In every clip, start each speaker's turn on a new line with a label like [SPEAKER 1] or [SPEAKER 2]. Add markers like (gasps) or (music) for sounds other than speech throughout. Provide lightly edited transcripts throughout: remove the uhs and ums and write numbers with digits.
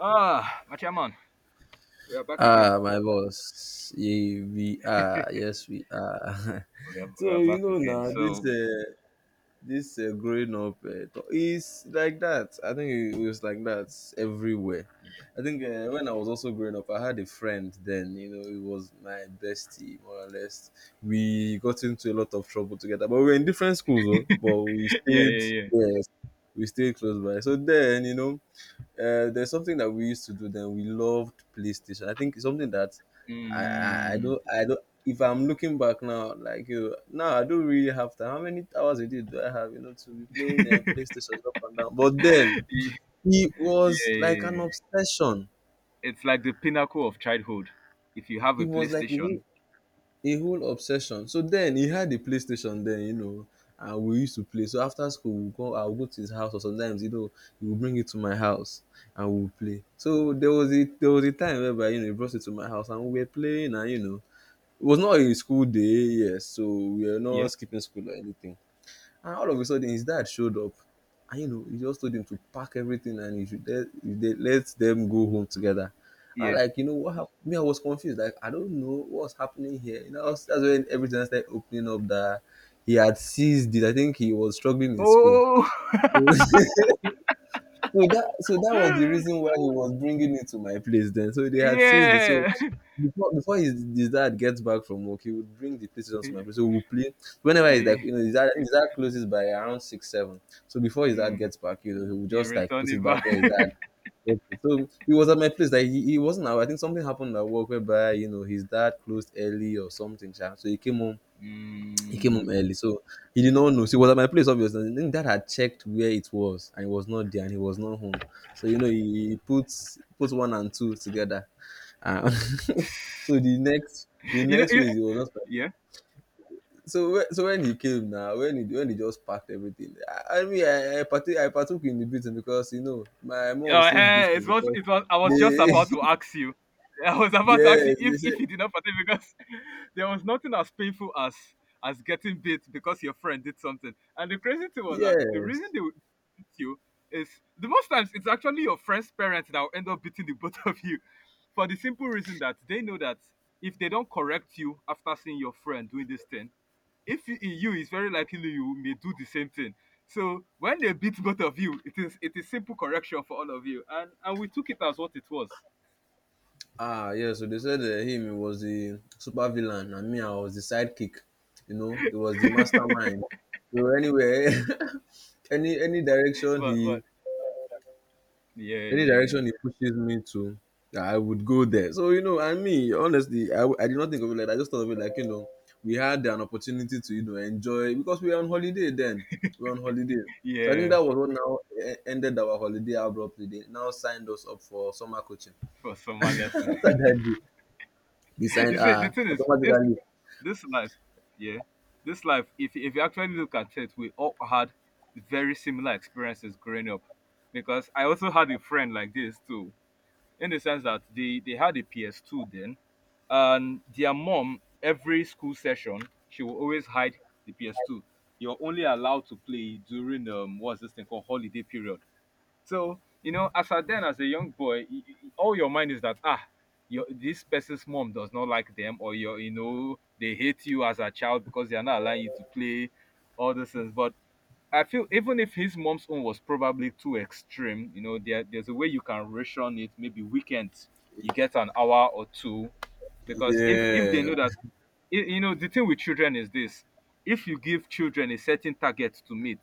[SPEAKER 1] Ah, my chairman, we are back again.
[SPEAKER 2] Ah, my boss, yeah, we are. Yes, we are.
[SPEAKER 1] We are,
[SPEAKER 2] (laughs)
[SPEAKER 1] we
[SPEAKER 2] So
[SPEAKER 1] are back again.
[SPEAKER 2] now this
[SPEAKER 1] So,
[SPEAKER 2] uh, this uh, growing up is like that. I think it was like that everywhere. I think when I was also growing up, I had a friend then. You know, it was my bestie more or less. We got into a lot of trouble together, but we were in different schools, oh, but we
[SPEAKER 1] (laughs) Yeah,
[SPEAKER 2] stayed.
[SPEAKER 1] yeah, yeah.
[SPEAKER 2] Yes, we stayed close by. So then, you know, there's something that we used to do then. We loved PlayStation. I think it's something that I
[SPEAKER 1] Mm.
[SPEAKER 2] don't. If I'm looking back now, like you, now I don't really have time. How many hours a day do I have? You know, to be playing PlayStation up and down.
[SPEAKER 1] (laughs)
[SPEAKER 2] But then
[SPEAKER 1] Yeah,
[SPEAKER 2] it
[SPEAKER 1] yeah,
[SPEAKER 2] was like an
[SPEAKER 1] yeah.
[SPEAKER 2] obsession.
[SPEAKER 1] It's like the pinnacle of childhood. If you have
[SPEAKER 2] It
[SPEAKER 1] a
[SPEAKER 2] was like
[SPEAKER 1] PlayStation,
[SPEAKER 2] a whole obsession. So then he had a PlayStation then, and we used to play. So after school, I'll go to his house, or sometimes he will bring it to my house and we'll play. So there was a time whereby he brought it to my house and we were playing, and it was not a school day, yes. So we were not
[SPEAKER 1] yeah.
[SPEAKER 2] skipping school or anything. And all of a sudden, his dad showed up. And he just told him to pack everything and he let them go home together. I
[SPEAKER 1] Yeah.
[SPEAKER 2] like, you know what happened? Me, I was confused. Like, I don't know what's happening here. That's when everything started opening up that he had seized it. I think he was struggling in school.
[SPEAKER 1] Oh, (laughs)
[SPEAKER 2] (laughs) So that was the reason why he was bringing it to my place then. So they had seized it. So
[SPEAKER 1] yeah.
[SPEAKER 2] before his dad gets back from work, he would bring the PlayStation to my place. So
[SPEAKER 1] (laughs)
[SPEAKER 2] we'll play whenever he's like
[SPEAKER 1] Play.
[SPEAKER 2] you know his dad closes by around six seven. So before his dad
[SPEAKER 1] Mm.
[SPEAKER 2] gets back, he would
[SPEAKER 1] You
[SPEAKER 2] just like
[SPEAKER 1] return
[SPEAKER 2] put it
[SPEAKER 1] it
[SPEAKER 2] back where his dad
[SPEAKER 1] back.
[SPEAKER 2] left it. So he was at my place. Like he wasn't out. I think something happened at work whereby his dad closed early or something. Sha. So he came home
[SPEAKER 1] (laughs)
[SPEAKER 2] he came home
[SPEAKER 1] Mm.
[SPEAKER 2] early, so he did not know. So he was at my place, obviously. And then dad had checked where it was, and it was not there, and he was not home. So he puts one and two together. Uh, (laughs) so the next the
[SPEAKER 1] (laughs) you know,
[SPEAKER 2] next
[SPEAKER 1] you-
[SPEAKER 2] week he was not.
[SPEAKER 1] yeah.
[SPEAKER 2] So when he came now, when he just packed everything, I mean I partook in the beating because my mom still
[SPEAKER 1] Eh,
[SPEAKER 2] beats me because
[SPEAKER 1] it was I was just
[SPEAKER 2] they
[SPEAKER 1] about to ask you. (laughs) I was
[SPEAKER 2] (laughs)
[SPEAKER 1] about to ask you
[SPEAKER 2] yes, they
[SPEAKER 1] if
[SPEAKER 2] said,
[SPEAKER 1] if you did not partake because (laughs) there was nothing as painful as getting bit because your friend did something. And the crazy thing was that the reason
[SPEAKER 2] yes.
[SPEAKER 1] they would beat you is, the most times it's actually your friend's parents that will end up beating the (laughs) both of you, for the simple reason that they know that if they don't correct you after seeing your friend doing this thing, if you, in you, it's very likely you may do the same thing. So when they beat both of you, it is simple correction for all of you, and we took it as what it was.
[SPEAKER 2] Ah, yeah. So they said him was the super villain, and me, I was the sidekick. He was the
[SPEAKER 1] (laughs)
[SPEAKER 2] mastermind. So anyway, (laughs) any any direction
[SPEAKER 1] but
[SPEAKER 2] he
[SPEAKER 1] but yeah,
[SPEAKER 2] any
[SPEAKER 1] yeah, yeah,
[SPEAKER 2] direction he pushes me to, yeah, I would go there. So I mean, honestly, I did not think of it like that. I just thought of it like we had an opportunity to enjoy because we were on holiday then. We were on holiday.
[SPEAKER 1] yeah,
[SPEAKER 2] So I think
[SPEAKER 1] yeah,
[SPEAKER 2] that was what now ended our holiday abruptly. They now signed us up for summer coaching.
[SPEAKER 1] for
[SPEAKER 2] (laughs)
[SPEAKER 1] summer lesson.
[SPEAKER 2] After that day.
[SPEAKER 1] (laughs)
[SPEAKER 2] Design
[SPEAKER 1] You see, the thing is this,
[SPEAKER 2] automatically.
[SPEAKER 1] this life, yeah, this life, if you actually look at it, we all had very similar experiences growing up, because I also had a friend like this too, in the sense that they had a PS2 then, and their mom, every school session, she will always hide the PS2. You're only allowed to play during what's this thing called, holiday period. So you know, as a young boy, all your mind is that, your, this person's mom does not like them, or you know they hate you as a child because they are not allowing you to play, all those things. But I feel even if his mom's own was probably too extreme, you know, there's a way you can ration it. Maybe weekends you get an hour or two, because if they
[SPEAKER 2] Yeah,
[SPEAKER 1] know that, the thing with children is this: if you give children a certain target to meet,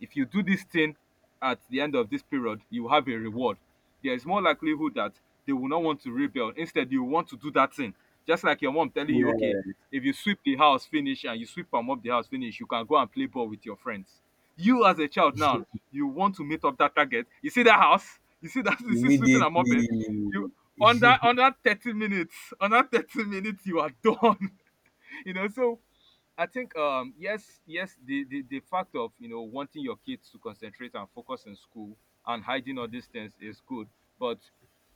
[SPEAKER 1] if you do this thing at the end of this period, you have a reward. There is more likelihood that they will not want to rebel. Instead, you want to do that thing, just like your mom telling you, okay,
[SPEAKER 2] yeah,
[SPEAKER 1] if you sweep the house finish, and you sweep and mop the house finish, you can go and play ball with your friends. You as a child now, you want to meet up that target. You see that house? You see that? (laughs) You see sweeping and
[SPEAKER 2] immediately.
[SPEAKER 1] mopping? You under
[SPEAKER 2] (laughs)
[SPEAKER 1] under 30 minutes, under 30 minutes, you are (laughs) done, you know. So I think, yes, yes, the fact of wanting your kids to concentrate and focus in school and hiding all these things is good, but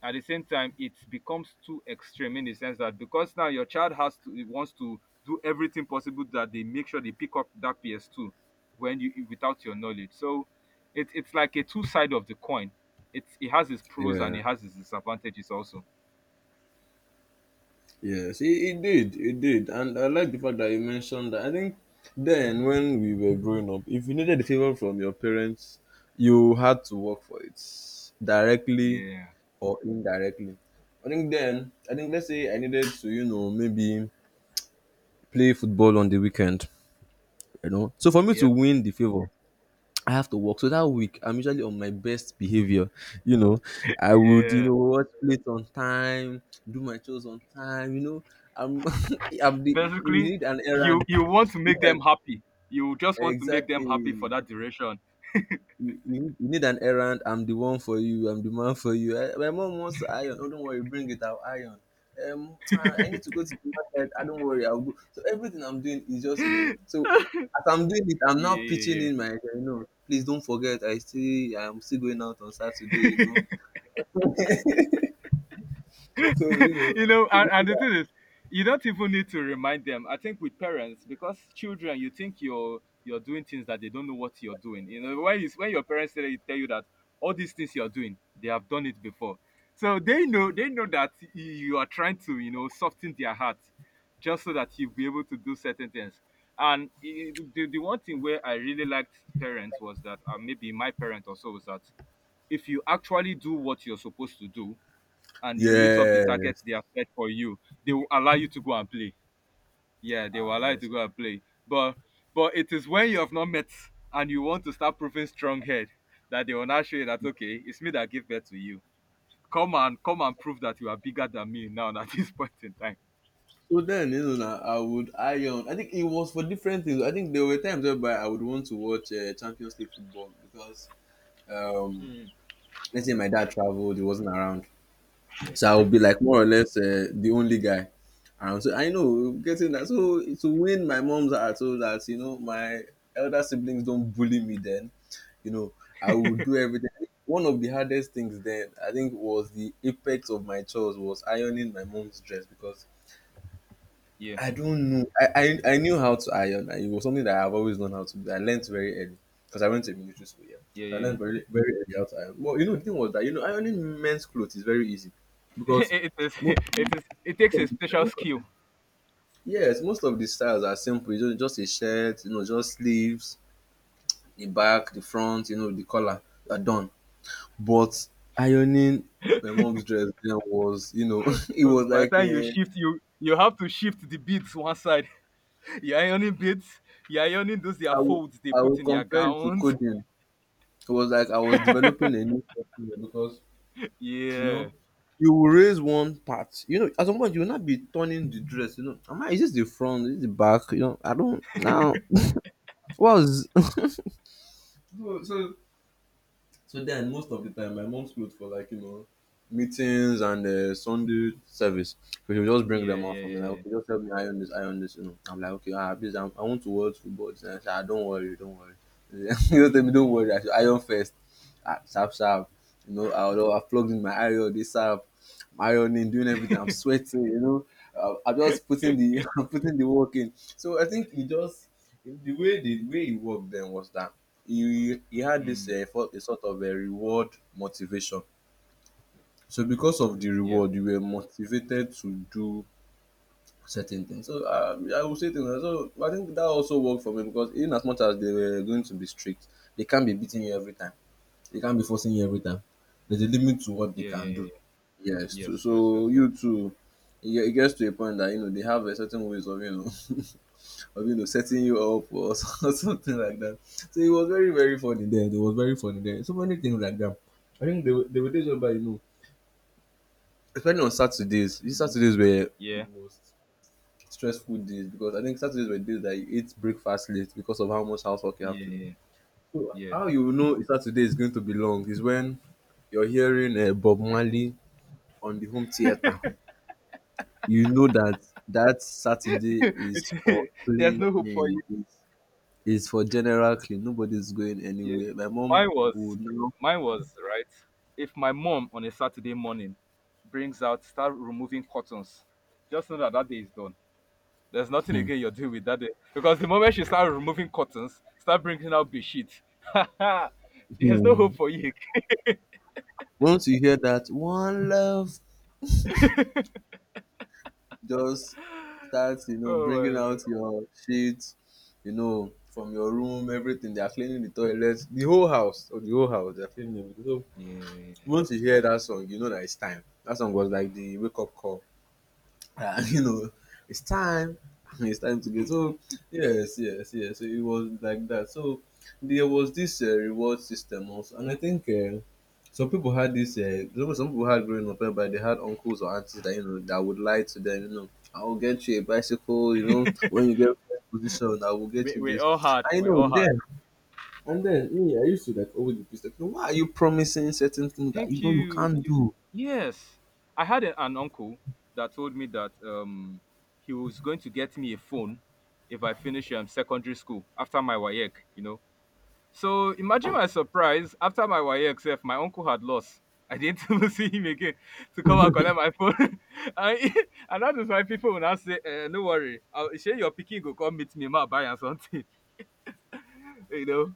[SPEAKER 1] at the same time it becomes too extreme, in the sense that because now your child has to, it wants to do everything possible that they make sure they pick up that PS2 when you, without your knowledge. So it's like a two side of the coin. It has its pros and
[SPEAKER 2] Yeah,
[SPEAKER 1] it has its disadvantages also.
[SPEAKER 2] yes, it did, and I like the fact that you mentioned that. I think then when we were growing up, if you needed a favor from your parents, you had to work for it directly
[SPEAKER 1] Yeah,
[SPEAKER 2] or indirectly. I think let's say I needed to, maybe play football on the weekend. You know. So for me to
[SPEAKER 1] yeah,
[SPEAKER 2] win the favor, I have to work. So that week, I'm usually on my best behavior. You know, I would,
[SPEAKER 1] yeah,
[SPEAKER 2] watch plates on time, do my chores on time. I'm, (laughs) I'm the, you
[SPEAKER 1] basically
[SPEAKER 2] need an
[SPEAKER 1] you
[SPEAKER 2] errand.
[SPEAKER 1] you want to
[SPEAKER 2] You
[SPEAKER 1] make
[SPEAKER 2] need
[SPEAKER 1] them
[SPEAKER 2] an-
[SPEAKER 1] happy, you just want to make them
[SPEAKER 2] exactly.
[SPEAKER 1] happy for that duration.
[SPEAKER 2] You need an errand. I'm the one for you. I'm the man for you. Eh, my mom wants to iron. Oh, don't worry, bring it. I'll iron. I need to go to the market. I don't worry. I'll go. So everything I'm doing is
[SPEAKER 1] (gasps) (laughs)
[SPEAKER 2] just.
[SPEAKER 1] Yeah,
[SPEAKER 2] So as I'm doing it, I'm now pitching
[SPEAKER 1] yeah,
[SPEAKER 2] in my. Please don't forget. I'm still going out on Saturday.
[SPEAKER 1] yeah. (laughs)
[SPEAKER 2] know. (laughs) So
[SPEAKER 1] (laughs)
[SPEAKER 2] you know.
[SPEAKER 1] You know,
[SPEAKER 2] So
[SPEAKER 1] and,
[SPEAKER 2] you do
[SPEAKER 1] the
[SPEAKER 2] that.
[SPEAKER 1] thing is, you don't even need to remind them. I think with parents, because children, you think you're doing things that they don't know what you're doing. You know, when when your parents tell you that all these things you're doing, they have done it before. So they know that you are trying to soften their heart, just so that you'll be able to do certain things. And the one thing where I really liked parents was that, maybe my parent also was that, if you actually do what you're supposed to do, and you meet up the target
[SPEAKER 2] Yes.
[SPEAKER 1] they have set for you, they will allow you to go and play. Yeah, they will
[SPEAKER 2] Ah,
[SPEAKER 1] allow you to
[SPEAKER 2] yes.
[SPEAKER 1] go and play. But it is when you have not met and you want to start proving strong head, that they will now show you that, okay, it's me that give birth to you. Come and prove that you are bigger than me now at this (laughs) point in time.
[SPEAKER 2] So then, I would iron. I think it was for different things. I think there were times whereby I would want to watch Champions League football because, um,
[SPEAKER 1] Hmm.
[SPEAKER 2] let's say my dad traveled, he wasn't around, so I would be like more or less the only guy. And so I know getting that. So to win my mom's heart, so that my elder siblings don't bully me. Then you know I would do everything. I think one of the hardest things then, I think, was the apex of my chores was ironing my mom's dress because
[SPEAKER 1] Yeah,
[SPEAKER 2] I don't know. I knew how to iron. Like, it was something that I've always known how to do. I learned very early because I went to military school. Yeah,
[SPEAKER 1] yeah,
[SPEAKER 2] so I
[SPEAKER 1] yeah.
[SPEAKER 2] learned very very early how to iron. Well, the thing was that ironing men's clothes is very easy
[SPEAKER 1] (laughs)
[SPEAKER 2] because most
[SPEAKER 1] It
[SPEAKER 2] most
[SPEAKER 1] takes
[SPEAKER 2] of
[SPEAKER 1] a
[SPEAKER 2] the,
[SPEAKER 1] special skill.
[SPEAKER 2] yes, most of the styles are simple. You just a shirt, just sleeves, the back, the front, the collar are done. But ironing my mom's dress then was (laughs) it was
[SPEAKER 1] (laughs) By
[SPEAKER 2] like
[SPEAKER 1] the time you shift, you have to shift the beads one side. (laughs) You're ironing beads, you're ironing those, their
[SPEAKER 2] I would
[SPEAKER 1] folds they
[SPEAKER 2] I
[SPEAKER 1] put
[SPEAKER 2] would
[SPEAKER 1] in their
[SPEAKER 2] compare it to
[SPEAKER 1] gowns.
[SPEAKER 2] coding. It was like I was developing a new software because you
[SPEAKER 1] Yeah.
[SPEAKER 2] know you will raise one part. At some point you will not be turning the dress. Am I? Is this the front? Is this the back? I don't now. What was (laughs) so, so so then most of the time my mom's clothes for like meetings and Sunday service. So she will just bring
[SPEAKER 1] Yeah,
[SPEAKER 2] them out
[SPEAKER 1] yeah,
[SPEAKER 2] for me.
[SPEAKER 1] yeah,
[SPEAKER 2] Like,
[SPEAKER 1] yeah.
[SPEAKER 2] okay, just help me iron this, iron this. I'm like, okay, ah, please, I want to watch football. And I said, ah, don't worry, don't worry. (laughs) Tell me, don't worry. I should iron first. Sharp, sharp. Although I plugged in my iron, this app, my ironing, doing everything. I'm sweating. I'm just putting the (laughs) I'm putting the work in. So I think he just the way he worked then was that he had this
[SPEAKER 1] Mm.
[SPEAKER 2] a sort of a reward motivation. So because of the
[SPEAKER 1] Yeah.
[SPEAKER 2] reward, you were motivated to do certain things. So I would say things. So I think that also worked for me because in as much as they were going to be strict, they can't be beating you every time. They can't be forcing you every time. There's a limit to what they
[SPEAKER 1] Yeah, yeah,
[SPEAKER 2] can
[SPEAKER 1] yeah,
[SPEAKER 2] do.
[SPEAKER 1] yeah.
[SPEAKER 2] Yes, too.
[SPEAKER 1] Yes, yes, yes,
[SPEAKER 2] So
[SPEAKER 1] yes.
[SPEAKER 2] you too, it gets to a point that they have a certain ways of (laughs) of setting you up or (laughs) something like that. So it was very very funny there. It was very funny there. So many things like that. I think there were days whereby especially on Saturdays. These
[SPEAKER 1] Mhm.
[SPEAKER 2] Saturdays were the
[SPEAKER 1] Yeah.
[SPEAKER 2] most stressful days because I think Saturdays were days that you ate breakfast late because of how much housework you have
[SPEAKER 1] Yeah,
[SPEAKER 2] to do.
[SPEAKER 1] yeah,
[SPEAKER 2] So
[SPEAKER 1] yeah.
[SPEAKER 2] how Saturday is going to be long is when you're hearing Bob Marley on the home theater. You know that that
[SPEAKER 1] Yeah. (laughs)
[SPEAKER 2] Saturday is for
[SPEAKER 1] It's (laughs) there's no hope for
[SPEAKER 2] cleaning.
[SPEAKER 1] you.
[SPEAKER 2] It's for general clean. Nobody's going
[SPEAKER 1] Yeah.
[SPEAKER 2] anywhere. My mom
[SPEAKER 1] Mine was
[SPEAKER 2] would know.
[SPEAKER 1] mine was right. If my mom on a Saturday morning brings out, start removing cottons, just know that that day is done. There's nothing
[SPEAKER 2] Hmm.
[SPEAKER 1] again you're doing with that day, because the moment she start removing cottons, start bringing out bedsheet. (laughs) There's no hope
[SPEAKER 2] Hmm.
[SPEAKER 1] for you.
[SPEAKER 2] Once you hear that one love, just start
[SPEAKER 1] (laughs) Oh
[SPEAKER 2] bringing
[SPEAKER 1] my god.
[SPEAKER 2] out your sheets, from your room, everything. They are cleaning the toilet, the whole house or the whole house. They are cleaning everything. So
[SPEAKER 1] Yeah.
[SPEAKER 2] once you hear that song, you know that it's time. That song was like the wake up call. Uh, (laughs) you know, it's time. (laughs) It's time to get. So yes, yes, yes. So it was like that. So there was this reward system also, and I think some people had this. Some people had growing up, eh, but they had uncles or aunties that you know that would lie to them. I will get you a bicycle. When you get first position, I will get
[SPEAKER 1] we,
[SPEAKER 2] you
[SPEAKER 1] we
[SPEAKER 2] this.
[SPEAKER 1] all had
[SPEAKER 2] I
[SPEAKER 1] we
[SPEAKER 2] know
[SPEAKER 1] all had
[SPEAKER 2] them. And then me, I used to like always be pissed. Like, "No, why are you promising certain things that you
[SPEAKER 1] thank
[SPEAKER 2] know you
[SPEAKER 1] you.
[SPEAKER 2] can't
[SPEAKER 1] You,
[SPEAKER 2] do?"
[SPEAKER 1] yes, I had an uncle that told me that, he was going to get me a phone if I finish secondary school after my wayek. So imagine my surprise, after my wayek self, my uncle had lost. I didn't (laughs) even see him again to come and collect my phone (laughs) and, (laughs) and that is why people will now say, no worry, I'll share your picking, go come meet me, ma buy am something. (laughs) You know.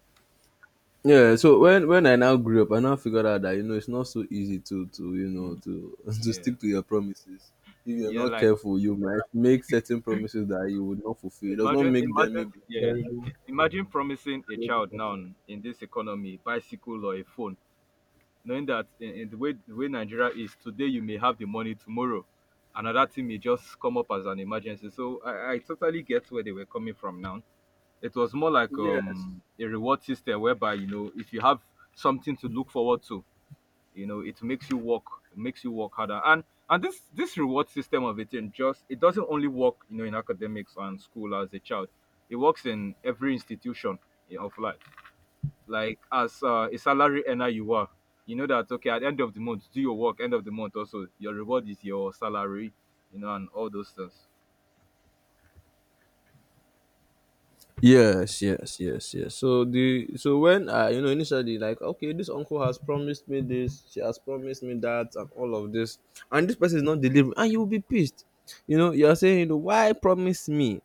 [SPEAKER 2] Yeah, so when I now grew up, I now figured out that it's not so easy to
[SPEAKER 1] Mm,
[SPEAKER 2] to (laughs) to
[SPEAKER 1] yeah,
[SPEAKER 2] stick to your promises. If you're
[SPEAKER 1] yeah,
[SPEAKER 2] not
[SPEAKER 1] like,
[SPEAKER 2] careful, you might make certain promises that you would not fulfill. It does not
[SPEAKER 1] imagine,
[SPEAKER 2] make them
[SPEAKER 1] imagine,
[SPEAKER 2] maybe.
[SPEAKER 1] yeah, imagine promising a child now, in this economy, bicycle or a phone, knowing that, in the way, Nigeria is today, you may have the money tomorrow, another thing may just come up as an emergency. So I totally get where they were coming from. Now it was more like,
[SPEAKER 2] Yes.
[SPEAKER 1] a reward system whereby, if you have something to look forward to, you know it makes you work, it makes you work harder. And this reward system of it, in just, it doesn't only work, in academics and school as a child, it works in every institution of life. Like, as a salary earner, you are, you know that, okay, at the end of the month, do your work, end of the month also, your reward is your salary, and all those things.
[SPEAKER 2] Yes, yes, yes, yes. So the so when I initially, like okay, this uncle has promised me this, she has promised me that, and all of this, and this person is not delivering, and you will be pissed. You are saying, why promise me?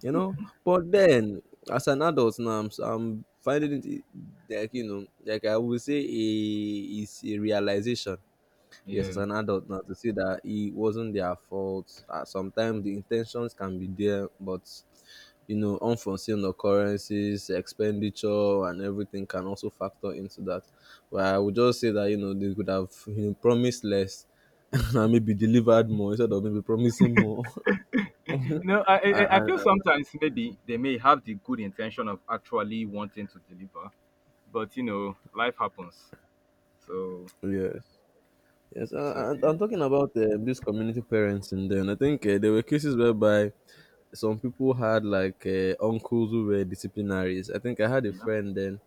[SPEAKER 2] But then, as an adult now, I'm finding it like, like I would say, a is a realization. Yes, as
[SPEAKER 1] Yeah.
[SPEAKER 2] an adult now, to see that it wasn't their fault. Sometimes the intentions can be there, but unforeseen occurrences, expenditure, and everything can also factor into that. But I would just say that they could have promised less (laughs) and maybe delivered more instead of maybe promising more. (laughs)
[SPEAKER 1] (laughs) No, I
[SPEAKER 2] and,
[SPEAKER 1] feel
[SPEAKER 2] and,
[SPEAKER 1] sometimes maybe they may have the good intention of actually wanting to deliver, but life happens. So
[SPEAKER 2] yes. Yes,
[SPEAKER 1] so
[SPEAKER 2] and I'm talking about this community parenting. Then I think there were cases whereby some people had like uncles who were disciplinaries. I think I had a
[SPEAKER 1] yep.
[SPEAKER 2] friend then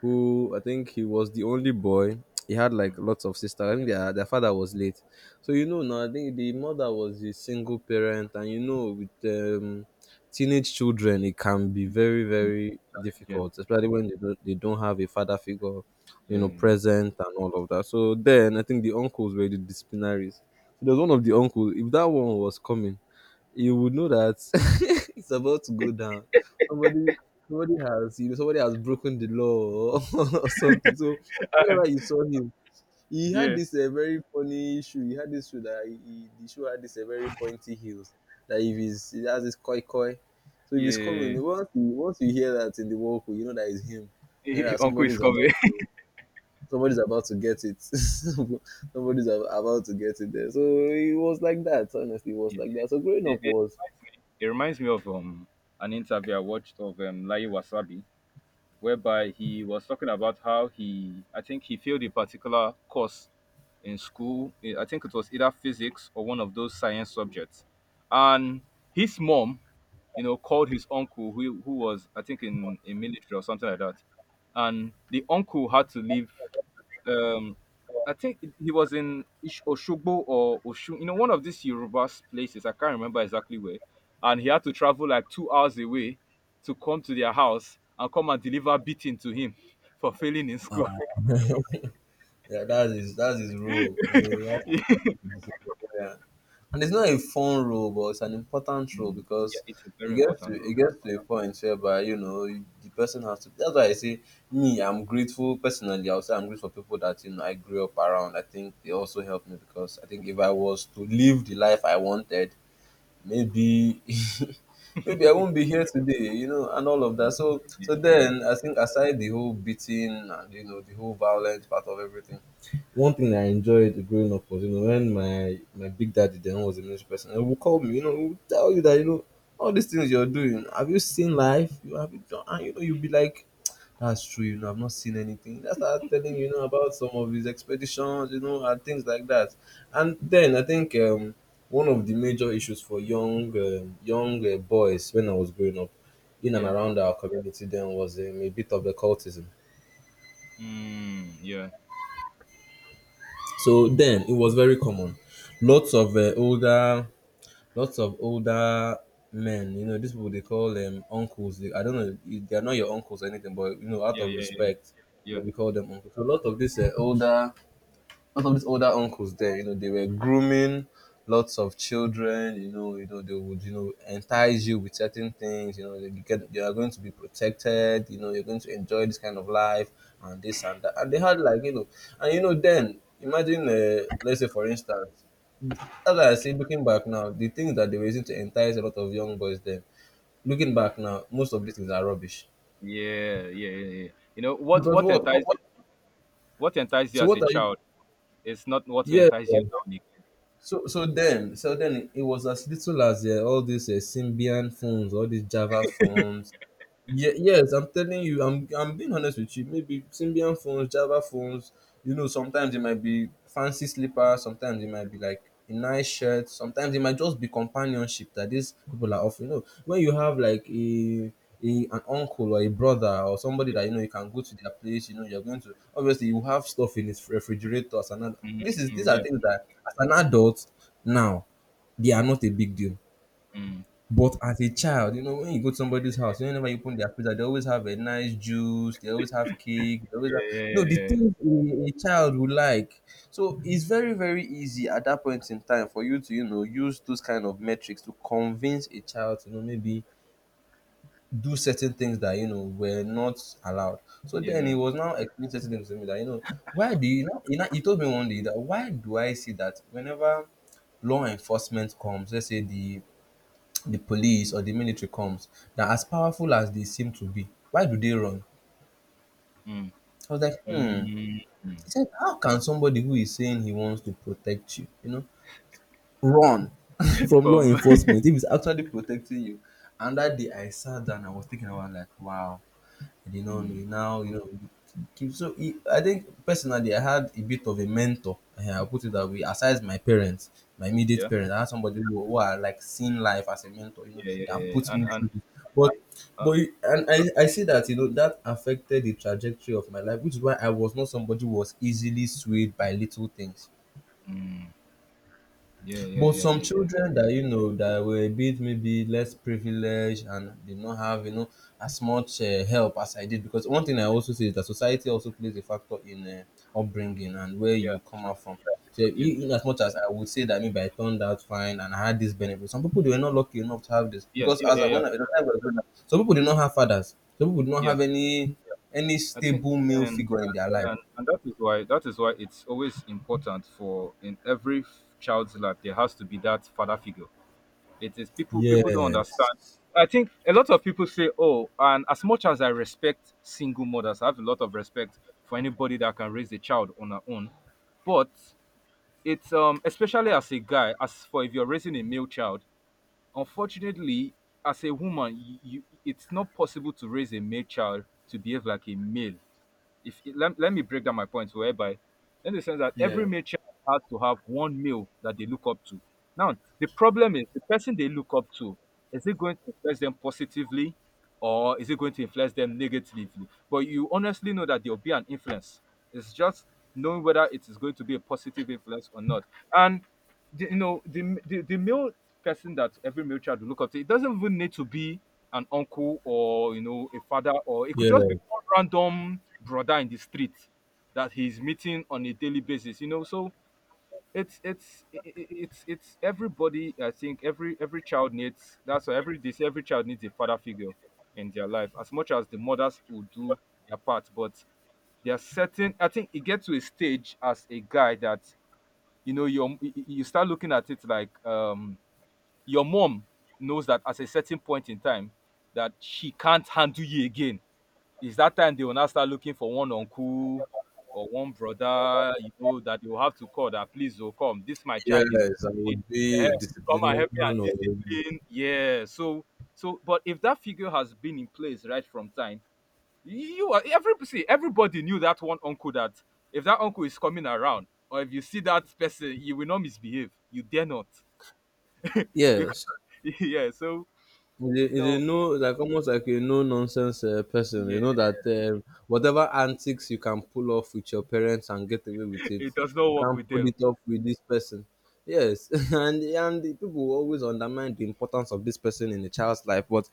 [SPEAKER 2] who I think he was the only boy. He had like lots of sisters. I think their father was late. So now I think the mother was a single parent and with um teenage children it can be very, very
[SPEAKER 1] Intelligent.
[SPEAKER 2] difficult, especially when they don't have a father figure,
[SPEAKER 1] Yeah.
[SPEAKER 2] present and all of that. So then I think the uncles were the disciplinaries. So there one of the uncles, if that one was coming, you would know that (laughs) it's about to go down. Somebody somebody has broken the law, or (laughs) or something. So whenever you saw him, he had
[SPEAKER 1] Yeah.
[SPEAKER 2] this very funny shoe. He had this shoe that the shoe had this very pointy heels. That if he has this koi koi. So if
[SPEAKER 1] Yeah.
[SPEAKER 2] he's coming,
[SPEAKER 1] Yeah.
[SPEAKER 2] once you hear that in the walk, you know that it's him, and
[SPEAKER 1] Yeah.
[SPEAKER 2] that
[SPEAKER 1] (laughs) Uncle is covered.
[SPEAKER 2] somebody's about to get it. (laughs) About to get it there. So it was like that. Honestly, it
[SPEAKER 1] (laughs)
[SPEAKER 2] was
[SPEAKER 1] Yeah.
[SPEAKER 2] like that. So growing
[SPEAKER 1] It,
[SPEAKER 2] up
[SPEAKER 1] it
[SPEAKER 2] was.
[SPEAKER 1] reminds me, it reminds me of an interview I watched of Lai Wasabi, whereby he was talking about how he I think he failed a particular course in school. I think it was either physics or one of those science subjects. And his mom, called his uncle who was, I think, in military or something like that. And the uncle had to leave, um I think he was in Oshogbo or Oshun, one of these Yoruba places. I can't remember exactly where. And he had to travel like 2 hours away to come to their house and come and deliver beating to him (laughs) for failing in school.
[SPEAKER 2] (laughs) Yeah, that is that's his role. He has
[SPEAKER 1] (laughs) Yeah.
[SPEAKER 2] to be disciplinarian. And it's not a fun role, but it's an important role
[SPEAKER 1] Mm, yeah,
[SPEAKER 2] because
[SPEAKER 1] it's a
[SPEAKER 2] it
[SPEAKER 1] very
[SPEAKER 2] gets to
[SPEAKER 1] important role.
[SPEAKER 2] it gets to a point whereby the person has to. That's why I say me, I'm grateful personally. I'll say I'm grateful for people that I grew up around. I think they also helped me because I think if I was to live the life I wanted, maybe (laughs) maybe I won't be here today, and all of that. So
[SPEAKER 1] Yeah,
[SPEAKER 2] so
[SPEAKER 1] yeah, yeah,
[SPEAKER 2] then I think aside the whole beating and the whole violent part of everything. One thing I enjoyed growing up was, when my big daddy then was a military person, he would call me, he would tell you that, all these things you're doing, have you seen life? You have you done? And you'll be like, that's true, I've not seen anything. That's start telling you, you know about some of his expeditions, and things like that. And then I think one of the major issues for young young boys when I was growing up in and
[SPEAKER 1] yeah. Yeah.
[SPEAKER 2] around our community then was a bit of the cultism.
[SPEAKER 1] Mm, yeah,
[SPEAKER 2] So then it was very common. Lots of older men. These people they call them uncles. They, I don't know, they are not your uncles or anything, but out
[SPEAKER 1] yeah,
[SPEAKER 2] of
[SPEAKER 1] yeah, yeah,
[SPEAKER 2] respect, they
[SPEAKER 1] yeah,
[SPEAKER 2] we call them uncles. So a lot of these older lot of these older uncles there, they were grooming lots of children, they would, entice you with certain things, you are going to be protected, you're going to enjoy this kind of life and this and that. And they had like, then imagine let's say for instance, as I say, looking back now, the things that they were using to entice a lot of young boys then, looking back now, most of these things are rubbish.
[SPEAKER 1] yeah, yeah, yeah, yeah. Yeah. You know what?
[SPEAKER 2] Because
[SPEAKER 1] What enticed what enticed you as
[SPEAKER 2] what
[SPEAKER 1] a
[SPEAKER 2] are you,
[SPEAKER 1] child is not what will
[SPEAKER 2] yeah,
[SPEAKER 1] entice
[SPEAKER 2] yeah.
[SPEAKER 1] you now, Nick.
[SPEAKER 2] So then it was as little as all these Symbian phones, all these Java phones. Yes, I'm telling you, I'm being honest with you. Maybe Symbian phones, Java phones, sometimes it might be fancy slippers, sometimes it might be like a nice shirt, sometimes it might just be companionship that these people are offering. When you have like an uncle or a brother or somebody
[SPEAKER 1] Yeah,
[SPEAKER 2] that you can go to their place, you're going to obviously you have stuff in his refrigerator. As an ad- this is these
[SPEAKER 1] mm,
[SPEAKER 2] are
[SPEAKER 1] yeah.
[SPEAKER 2] things that as an adult now they are not a big deal,
[SPEAKER 1] Mm.
[SPEAKER 2] but as a child, when you go to somebody's house, whenever you open their freezer, they always have a nice juice, they always have cake, they always have
[SPEAKER 1] Yeah, yeah, yeah,
[SPEAKER 2] no the
[SPEAKER 1] yeah. Yeah.
[SPEAKER 2] things a child would like. So it's very, very easy at that point in time for you to, use those kind of metrics to convince a child to maybe do certain things that were not allowed. So
[SPEAKER 1] Yeah,
[SPEAKER 2] then
[SPEAKER 1] yeah.
[SPEAKER 2] he was now explaining certain things to me that, you know, why do you know he told me one day that why do I see that whenever law enforcement comes, let's say the police or the military comes. Now, as powerful as they seem to be, why do they run?
[SPEAKER 1] Mm,
[SPEAKER 2] I was like, hmm.
[SPEAKER 1] mm, mm.
[SPEAKER 2] He said, how can somebody who is saying he wants to protect you, run (laughs) from law
[SPEAKER 1] From.
[SPEAKER 2] enforcement if he's actually protecting you? And that day I sat down, and I was thinking about like, wow, you
[SPEAKER 1] (laughs)
[SPEAKER 2] know
[SPEAKER 1] Mm,
[SPEAKER 2] now you know keep so it, I think personally I had a bit of a mentor, eh, I'll put it that way, aside my parents, my immediate
[SPEAKER 1] yeah,
[SPEAKER 2] parents. I had somebody who, I like seen life as a mentor,
[SPEAKER 1] yeah, yeah,
[SPEAKER 2] that
[SPEAKER 1] yeah, yeah.
[SPEAKER 2] put
[SPEAKER 1] And
[SPEAKER 2] me through this. but
[SPEAKER 1] uh,
[SPEAKER 2] but you- and i i see that that affected the trajectory of my life, which is why I was not somebody who was easily swayed by little things.
[SPEAKER 1] mm, yeah, yeah,
[SPEAKER 2] But
[SPEAKER 1] yeah,
[SPEAKER 2] some
[SPEAKER 1] yeah, yeah,
[SPEAKER 2] children that were a bit maybe less privileged and did not have as much help as I did, because one thing I also say is that society also plays a factor in upbringing and where
[SPEAKER 1] yeah,
[SPEAKER 2] you come
[SPEAKER 1] sure,
[SPEAKER 2] out from. So
[SPEAKER 1] yeah,
[SPEAKER 2] in as much as I would say that maybe I turned out fine and I had this benefit, some people
[SPEAKER 1] y-
[SPEAKER 2] they were not lucky enough to have this
[SPEAKER 1] yeah,
[SPEAKER 2] because
[SPEAKER 1] yeah,
[SPEAKER 2] as
[SPEAKER 1] yeah,
[SPEAKER 2] I,
[SPEAKER 1] yeah,
[SPEAKER 2] when I, the I was growing up, some people did not have fathers, some people did not
[SPEAKER 1] yeah.
[SPEAKER 2] have any
[SPEAKER 1] I think,
[SPEAKER 2] stable male
[SPEAKER 1] and
[SPEAKER 2] figure in their life.
[SPEAKER 1] and that is why, it's always important for, in every child's life, there has to be that father figure. It is, people don't
[SPEAKER 2] Yes.
[SPEAKER 1] understand. I think a lot of people say, "Oh," and as much as I respect single mothers, I have a lot of respect for anybody that can raise a child on their own. But it's especially as a guy, as for if you're raising a male child, unfortunately, as a woman, you it's not possible to raise a male child to behave like a male. If it, let, let me break down my points whereby in the sense that every
[SPEAKER 2] Yeah.
[SPEAKER 1] matriarch has to have one male that they look up to. Now the problem is, the person they look up to, is it going to influence them positively or is it going to influence them negatively? But you honestly know that there'll be an influence. It's just knowing whether it is going to be a positive influence or not. And the, you know the male person that every male child will look up to, it doesn't even need to be an uncle or a father, or it could just
[SPEAKER 2] Yeah.
[SPEAKER 1] be one random brother in the street that he's meeting on a daily basis, you know. So it's everybody. I think every child needs That's why every child needs a father figure in their life, as much as the mothers will do their part. But there are certain I think it gets to a stage as a guy that, you know, you start looking at it like your mom knows that at a certain point in time that she can't handle you again. Is that time they will now start looking for one uncle or one brother, you know, that you have to call that, "Please, will come, this my child is
[SPEAKER 2] Yes, I would
[SPEAKER 1] eh,
[SPEAKER 2] be a
[SPEAKER 1] come and help me and
[SPEAKER 2] disciplinarian or
[SPEAKER 1] discipline." Yeah, so but if that figure has been in place right from time, you are every see, everybody knew that one uncle that if that uncle is coming around or if you see that person, you will not misbehave. You dare not. (laughs) Because
[SPEAKER 2] yes.
[SPEAKER 1] yeah. So
[SPEAKER 2] He's a,
[SPEAKER 1] you
[SPEAKER 2] he's
[SPEAKER 1] know
[SPEAKER 2] no, like almost like a no nonsense person.
[SPEAKER 1] yeah,
[SPEAKER 2] You know that whatever antics you can pull off with your parents and get away with it,
[SPEAKER 1] it does not
[SPEAKER 2] you
[SPEAKER 1] work
[SPEAKER 2] can't
[SPEAKER 1] with
[SPEAKER 2] pull
[SPEAKER 1] them.
[SPEAKER 2] it off with this person. Yes, (laughs) and the people will always undermine the importance of this person in a child's life. But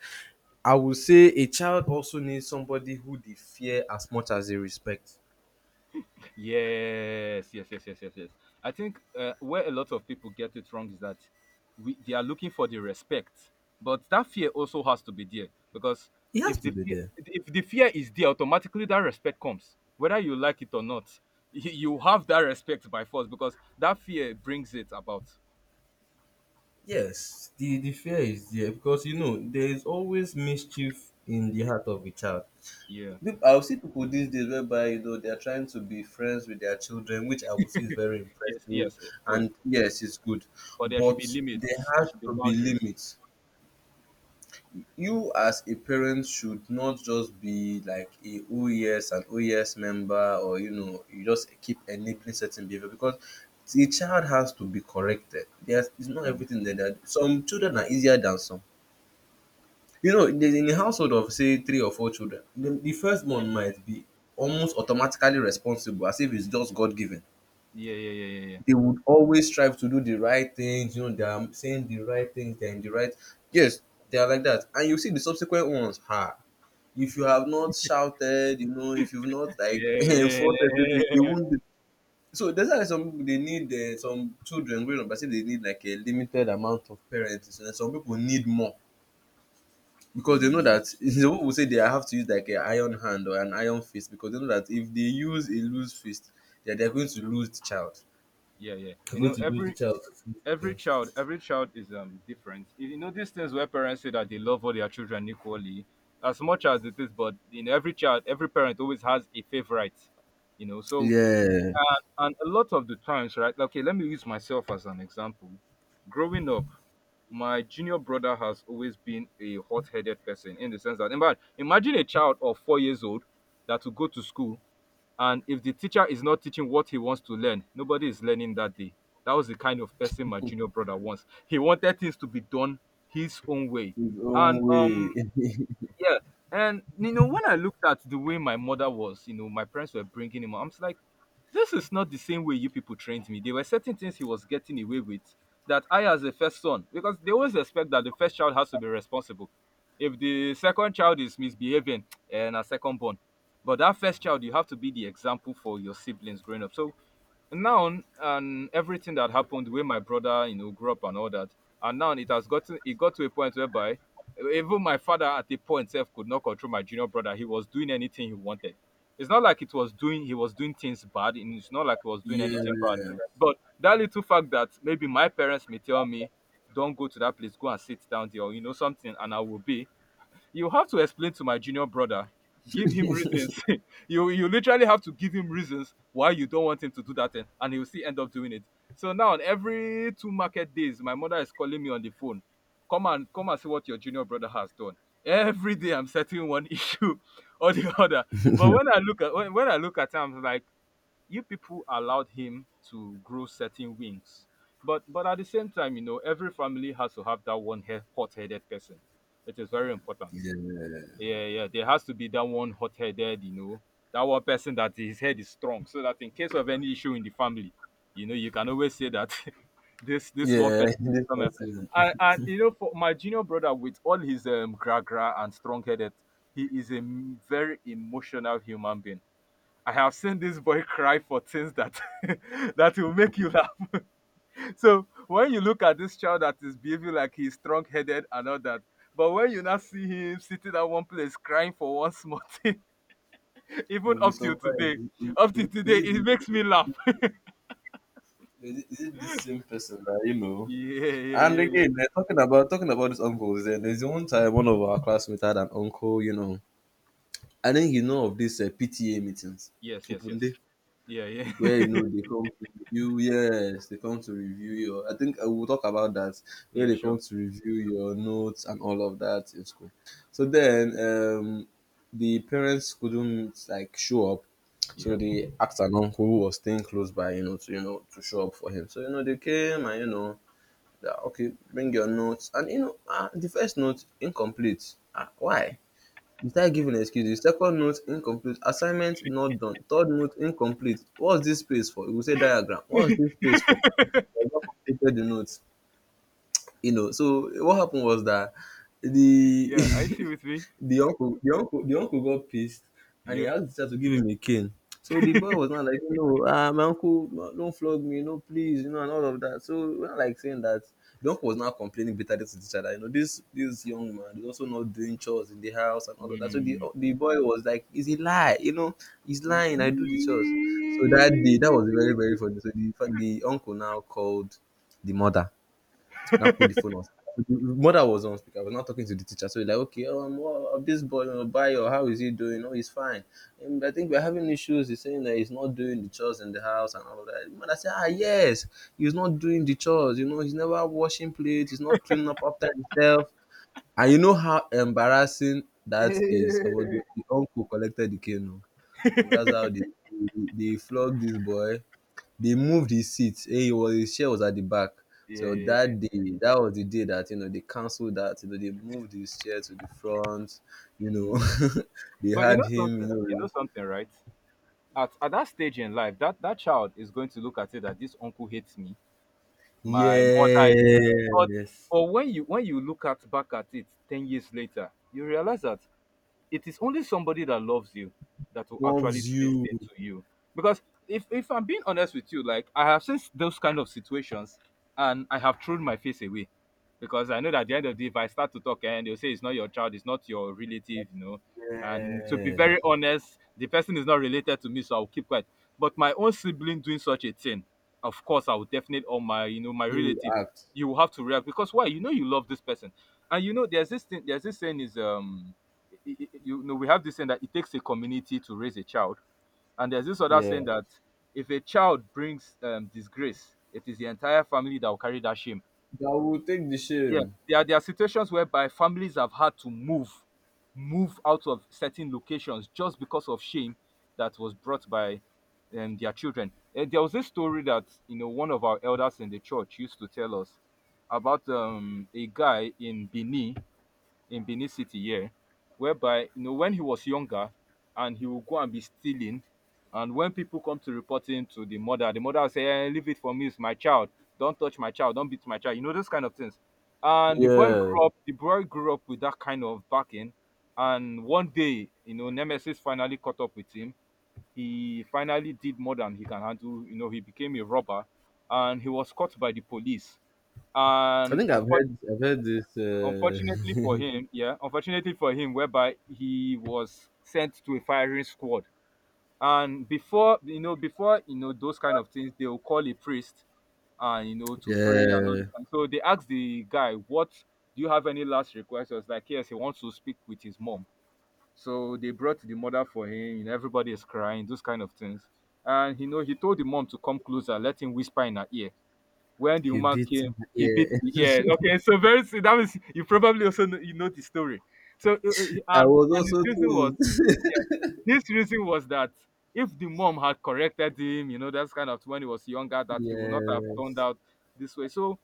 [SPEAKER 2] I would say a child also needs somebody who they fear as much as they respect.
[SPEAKER 1] Yes, yes, yes, yes, yes, yes. I think where a lot of people get it wrong is that we they are looking for the respect, but that fear also has to be there. Because
[SPEAKER 2] He has to be there.
[SPEAKER 1] if the fear is there, automatically that respect comes, whether you like it or not. You have that respect by force because that fear brings it about.
[SPEAKER 2] Yes, the fear is there because there is always mischief in the heart of a child.
[SPEAKER 1] Yeah.
[SPEAKER 2] I'll see people these days whereby they're trying to be friends with their children, which I would say is very
[SPEAKER 1] Yes.
[SPEAKER 2] impressive,
[SPEAKER 1] Yes. It's good,
[SPEAKER 2] and yes, it's good.
[SPEAKER 1] but there should be
[SPEAKER 2] But there
[SPEAKER 1] limits. There
[SPEAKER 2] has
[SPEAKER 1] should be
[SPEAKER 2] to be
[SPEAKER 1] boundaries.
[SPEAKER 2] limits. You as a parent should not just be like a OES and OES member, or you just keep enabling certain behavior, because the child has to be corrected. There's it's not
[SPEAKER 1] Mm,
[SPEAKER 2] everything that some children are easier than some. You know, in the in a household of say 3 or 4 children, the first one might be almost automatically responsible as if it's just God given.
[SPEAKER 1] yeah. Yeah. Yeah. Yeah.
[SPEAKER 2] They would always strive to do the right things, you know, they are saying the right things, they're in the right. Yes, they are like that. And you see the subsequent ones, ha. If you have not shouted, you know, if you've not like
[SPEAKER 1] Yeah.
[SPEAKER 2] (laughs)
[SPEAKER 1] Yeah. Yeah. Yeah.
[SPEAKER 2] enforced
[SPEAKER 1] Yeah,
[SPEAKER 2] everything,
[SPEAKER 1] yeah,
[SPEAKER 2] they
[SPEAKER 1] yeah.
[SPEAKER 2] won't do. So that's why some people they need some children growing up. I say they need like a limited amount of parents, and some people need more, because they know
[SPEAKER 1] Mm,
[SPEAKER 2] that (laughs) some people say they have to use like an iron hand or an iron fist because they know that if they use a loose fist, that they're going to lose the child.
[SPEAKER 1] yeah, yeah.
[SPEAKER 2] You're
[SPEAKER 1] You
[SPEAKER 2] going
[SPEAKER 1] know,
[SPEAKER 2] to lose the
[SPEAKER 1] every
[SPEAKER 2] child to fix
[SPEAKER 1] every child
[SPEAKER 2] things.
[SPEAKER 1] every child is different. You know, these things where parents say that they love all their children equally, as much as it is, but in every child, every parent always has a favorite, you know. So
[SPEAKER 2] Yeah,
[SPEAKER 1] and a lot of the times, right, like, okay, let me use myself as an example. Growing up, my junior brother has always been a hot-headed person, in the sense that, in fact, imagine a child of 4 years old that will go to school, and if the teacher is not teaching what he wants to learn, nobody is learning that day. That was the kind of person my junior brother was. He wanted things to be done his own way.
[SPEAKER 2] his
[SPEAKER 1] And
[SPEAKER 2] own
[SPEAKER 1] um,
[SPEAKER 2] way. (laughs)
[SPEAKER 1] yeah. And you know, when I looked at the way my mother was, you know, my parents were bringing him up, I'm just like, this is not the same way you people trained me. There were certain things he was getting away with that I, as a first son, because they always expect that the first child has to be responsible. If the second child is misbehaving, (tsk) and a second born, but that first child, you have to be the example for your siblings growing up. So now, and everything that happened, the way my brother, you know, grew up and all that, and now it got to a point whereby even my father at a point self could not control my junior brother. He was doing anything he wanted. It's not like it was doing he was doing things bad, and it's not like he was doing
[SPEAKER 2] Yeah,
[SPEAKER 1] anything bad. But that little fact that maybe my parents may tell me, "Don't go to that place, go and sit down there," or you know, something, and I will be. You have to explain to my junior brother, give him reasons. (laughs) You literally have to give him reasons why you don't want him to do that thing, and he'll still end up doing it. So now, on every 2 market days, my mother is calling me on the phone, "Come and come and see what your junior brother has done." Every day I'm settling one (laughs) issue or the other. But when I look at him, I'm like, you people allowed him to grow certain wings. But at the same time, you know, every family has to have that one hot-headed person. It is very important.
[SPEAKER 2] yeah,
[SPEAKER 1] Yeah, yeah. There has to be that one hot-headed, you know, that one person that his head is strong, so that in case of any issue in the family, you know, you can always say that, (laughs) This one
[SPEAKER 2] yeah. (laughs)
[SPEAKER 1] person is
[SPEAKER 2] This
[SPEAKER 1] coming."
[SPEAKER 2] person,
[SPEAKER 1] And you know, for my junior brother, with all his gra gra and strong-headed, he is a very emotional human being. I have seen this boy (laughs) cry for things that (laughs) that will make you laugh. So when you look at this child that is behaving like he's strong headed and all that, but when you now see him sitting at one place crying for one small thing, (laughs) even
[SPEAKER 2] you'll be surprised. Is
[SPEAKER 1] up
[SPEAKER 2] is-
[SPEAKER 1] till today,
[SPEAKER 2] is it
[SPEAKER 1] it makes
[SPEAKER 2] the,
[SPEAKER 1] me laugh. (laughs)
[SPEAKER 2] is it this same person that you know?
[SPEAKER 1] Yeah, yeah,
[SPEAKER 2] And
[SPEAKER 1] yeah, yeah.
[SPEAKER 2] again, eh, talking about these uncles, then there's one time one of our classmates had an uncle, you know, I think you know of these PTA meetings,
[SPEAKER 1] Yes, yes,
[SPEAKER 2] open
[SPEAKER 1] yes.
[SPEAKER 2] day,
[SPEAKER 1] Yeah,
[SPEAKER 2] where you
[SPEAKER 1] yeah. (laughs)
[SPEAKER 2] know they come to review. Yes, they come to review your. I think we'll talk about that. Where
[SPEAKER 1] Yeah,
[SPEAKER 2] they
[SPEAKER 1] sure.
[SPEAKER 2] come to review your notes and all of that in school. So then, the parents couldn't like show up, so
[SPEAKER 1] Yeah.
[SPEAKER 2] they asked an uncle who was staying close by, you know to show up for him. So you know they came and you know, they're, okay, bring your notes, and you know, ah, the first note incomplete. Ah, why? Without giving excuses. Second note incomplete, assignment not done. Third note incomplete. What's this space for? You will say diagram. What's this space for? You have not completed the note. You know, so what happened was that the
[SPEAKER 1] Yeah, I see
[SPEAKER 2] (laughs)
[SPEAKER 1] with me.
[SPEAKER 2] the uncle got pissed and he
[SPEAKER 1] Yeah.
[SPEAKER 2] asked the teacher to give him a cane. So the boy was not like, you know, ah, my uncle, don't flog me, no, please, you know, and all of that. So we're not like saying that. The uncle was now complaining bitterly to the teacher that, you know, this young man is also not doing chores in the house and all of that. So the
[SPEAKER 1] Mm.
[SPEAKER 2] the boy was like, is he lie? You know, he's lying. I do the chores.
[SPEAKER 1] (laughs)
[SPEAKER 2] So that day, that was very very funny. So the uncle now called the mother, now put the phone on. Mother was on speaker. I was not talking to the teacher. So he's like, okay, well, this boy, Bayo, how is he doing? Oh, he's fine. And I think we're having issues. He's saying that he's not doing the chores in the house and all of that. Mother said, ah, yes, he's not doing the chores. You know, he's never washing plates. He's not cleaning up after himself. And you know how embarrassing that is. About
[SPEAKER 1] Yeah,
[SPEAKER 2] the uncle collected the canoe. Oh, Oh, that's how they flogged this boy, they moved his seat. Hey, He was his chair was at the back.
[SPEAKER 1] yeah,
[SPEAKER 2] So
[SPEAKER 1] yeah.
[SPEAKER 2] that day, that was the day that you know they cancelled that. You know they moved his chair to the front. You know
[SPEAKER 1] Mm.
[SPEAKER 2] (laughs) they
[SPEAKER 1] But you
[SPEAKER 2] had
[SPEAKER 1] know
[SPEAKER 2] him. You
[SPEAKER 1] something? You know
[SPEAKER 2] know
[SPEAKER 1] something, right? At that stage in life, that that child is going to look at it that this uncle hates me. My mother is but
[SPEAKER 2] yes,
[SPEAKER 1] but when you look at back at it 10 years later, you realize that it is only somebody that loves you that will actually do
[SPEAKER 2] loves
[SPEAKER 1] this thing
[SPEAKER 2] you.
[SPEAKER 1] to you. Because if I'm being honest with you, like, I have seen those kind of situations, and I have thrown my face away. Because I know that at the end of the day, if I start to talk, and they'll say it's not your child, it's not your relative, you know. And to be
[SPEAKER 2] Yeah,
[SPEAKER 1] very honest, the person is not related to me, so I'll keep quiet. But my own sibling doing such a thing, of course, I would definitely, or my, my
[SPEAKER 2] you will
[SPEAKER 1] relative,
[SPEAKER 2] act.
[SPEAKER 1] you will have to react. Because why? You know you love this person. And you know there's this thing, there's this saying is i- you know, we have this saying that it takes a community to raise a child. And there's this other saying
[SPEAKER 2] Yeah,
[SPEAKER 1] that if a child brings disgrace, it is the entire family that will carry that shame.
[SPEAKER 2] that will take the
[SPEAKER 1] Yeah,
[SPEAKER 2] shame.
[SPEAKER 1] there are situations whereby families have had to move, move out of certain locations just because of shame that was brought by their children. And there was this story that, you know, one of our elders in the church used to tell us about a guy in Benin, in Benin City here, whereby, you know, when he was younger, and he would go and be stealing, and when people come to report him to the mother will say, "Eh, leave it for me, it's my child. Don't touch my child. Don't beat my child." You know, those kind of things. And the boy
[SPEAKER 2] Yeah,
[SPEAKER 1] grew up. The boy grew up with that kind of backing. And one day, you know, Nemesis finally caught up with him. He finally did more than he can handle. You know, he became a robber, and he was caught by the police.
[SPEAKER 2] I
[SPEAKER 1] And
[SPEAKER 2] think I've
[SPEAKER 1] unfortunately,
[SPEAKER 2] heard. I've heard this.
[SPEAKER 1] unfortunately for
[SPEAKER 2] (laughs)
[SPEAKER 1] him, yeah, unfortunately for him, whereby he was sent to a firing squad. And before you know those kind of things, they will call a priest, and, you know, to pray and all this.
[SPEAKER 2] Yeah,
[SPEAKER 1] And so they asked the guy, "What, do you have any last request?" He was like, "Yes, he wants to speak with his mom." So they brought the mother for him. You know, everybody is crying, those kind of things. And you know, he told the mom to come closer, let him whisper in her ear. When the
[SPEAKER 2] he
[SPEAKER 1] woman
[SPEAKER 2] beat.
[SPEAKER 1] came, he beat
[SPEAKER 2] Yeah,
[SPEAKER 1] the ear. Okay, so very that means you probably also know, you know the story. So
[SPEAKER 2] (laughs) I
[SPEAKER 1] and
[SPEAKER 2] was
[SPEAKER 1] and his
[SPEAKER 2] also
[SPEAKER 1] reason was,
[SPEAKER 2] told.
[SPEAKER 1] yeah, his reason was that if the mom had corrected him, you know, that's kind of when he was younger,
[SPEAKER 2] (laughs)
[SPEAKER 1] that he would not have turned
[SPEAKER 2] Yes.
[SPEAKER 1] out this way. So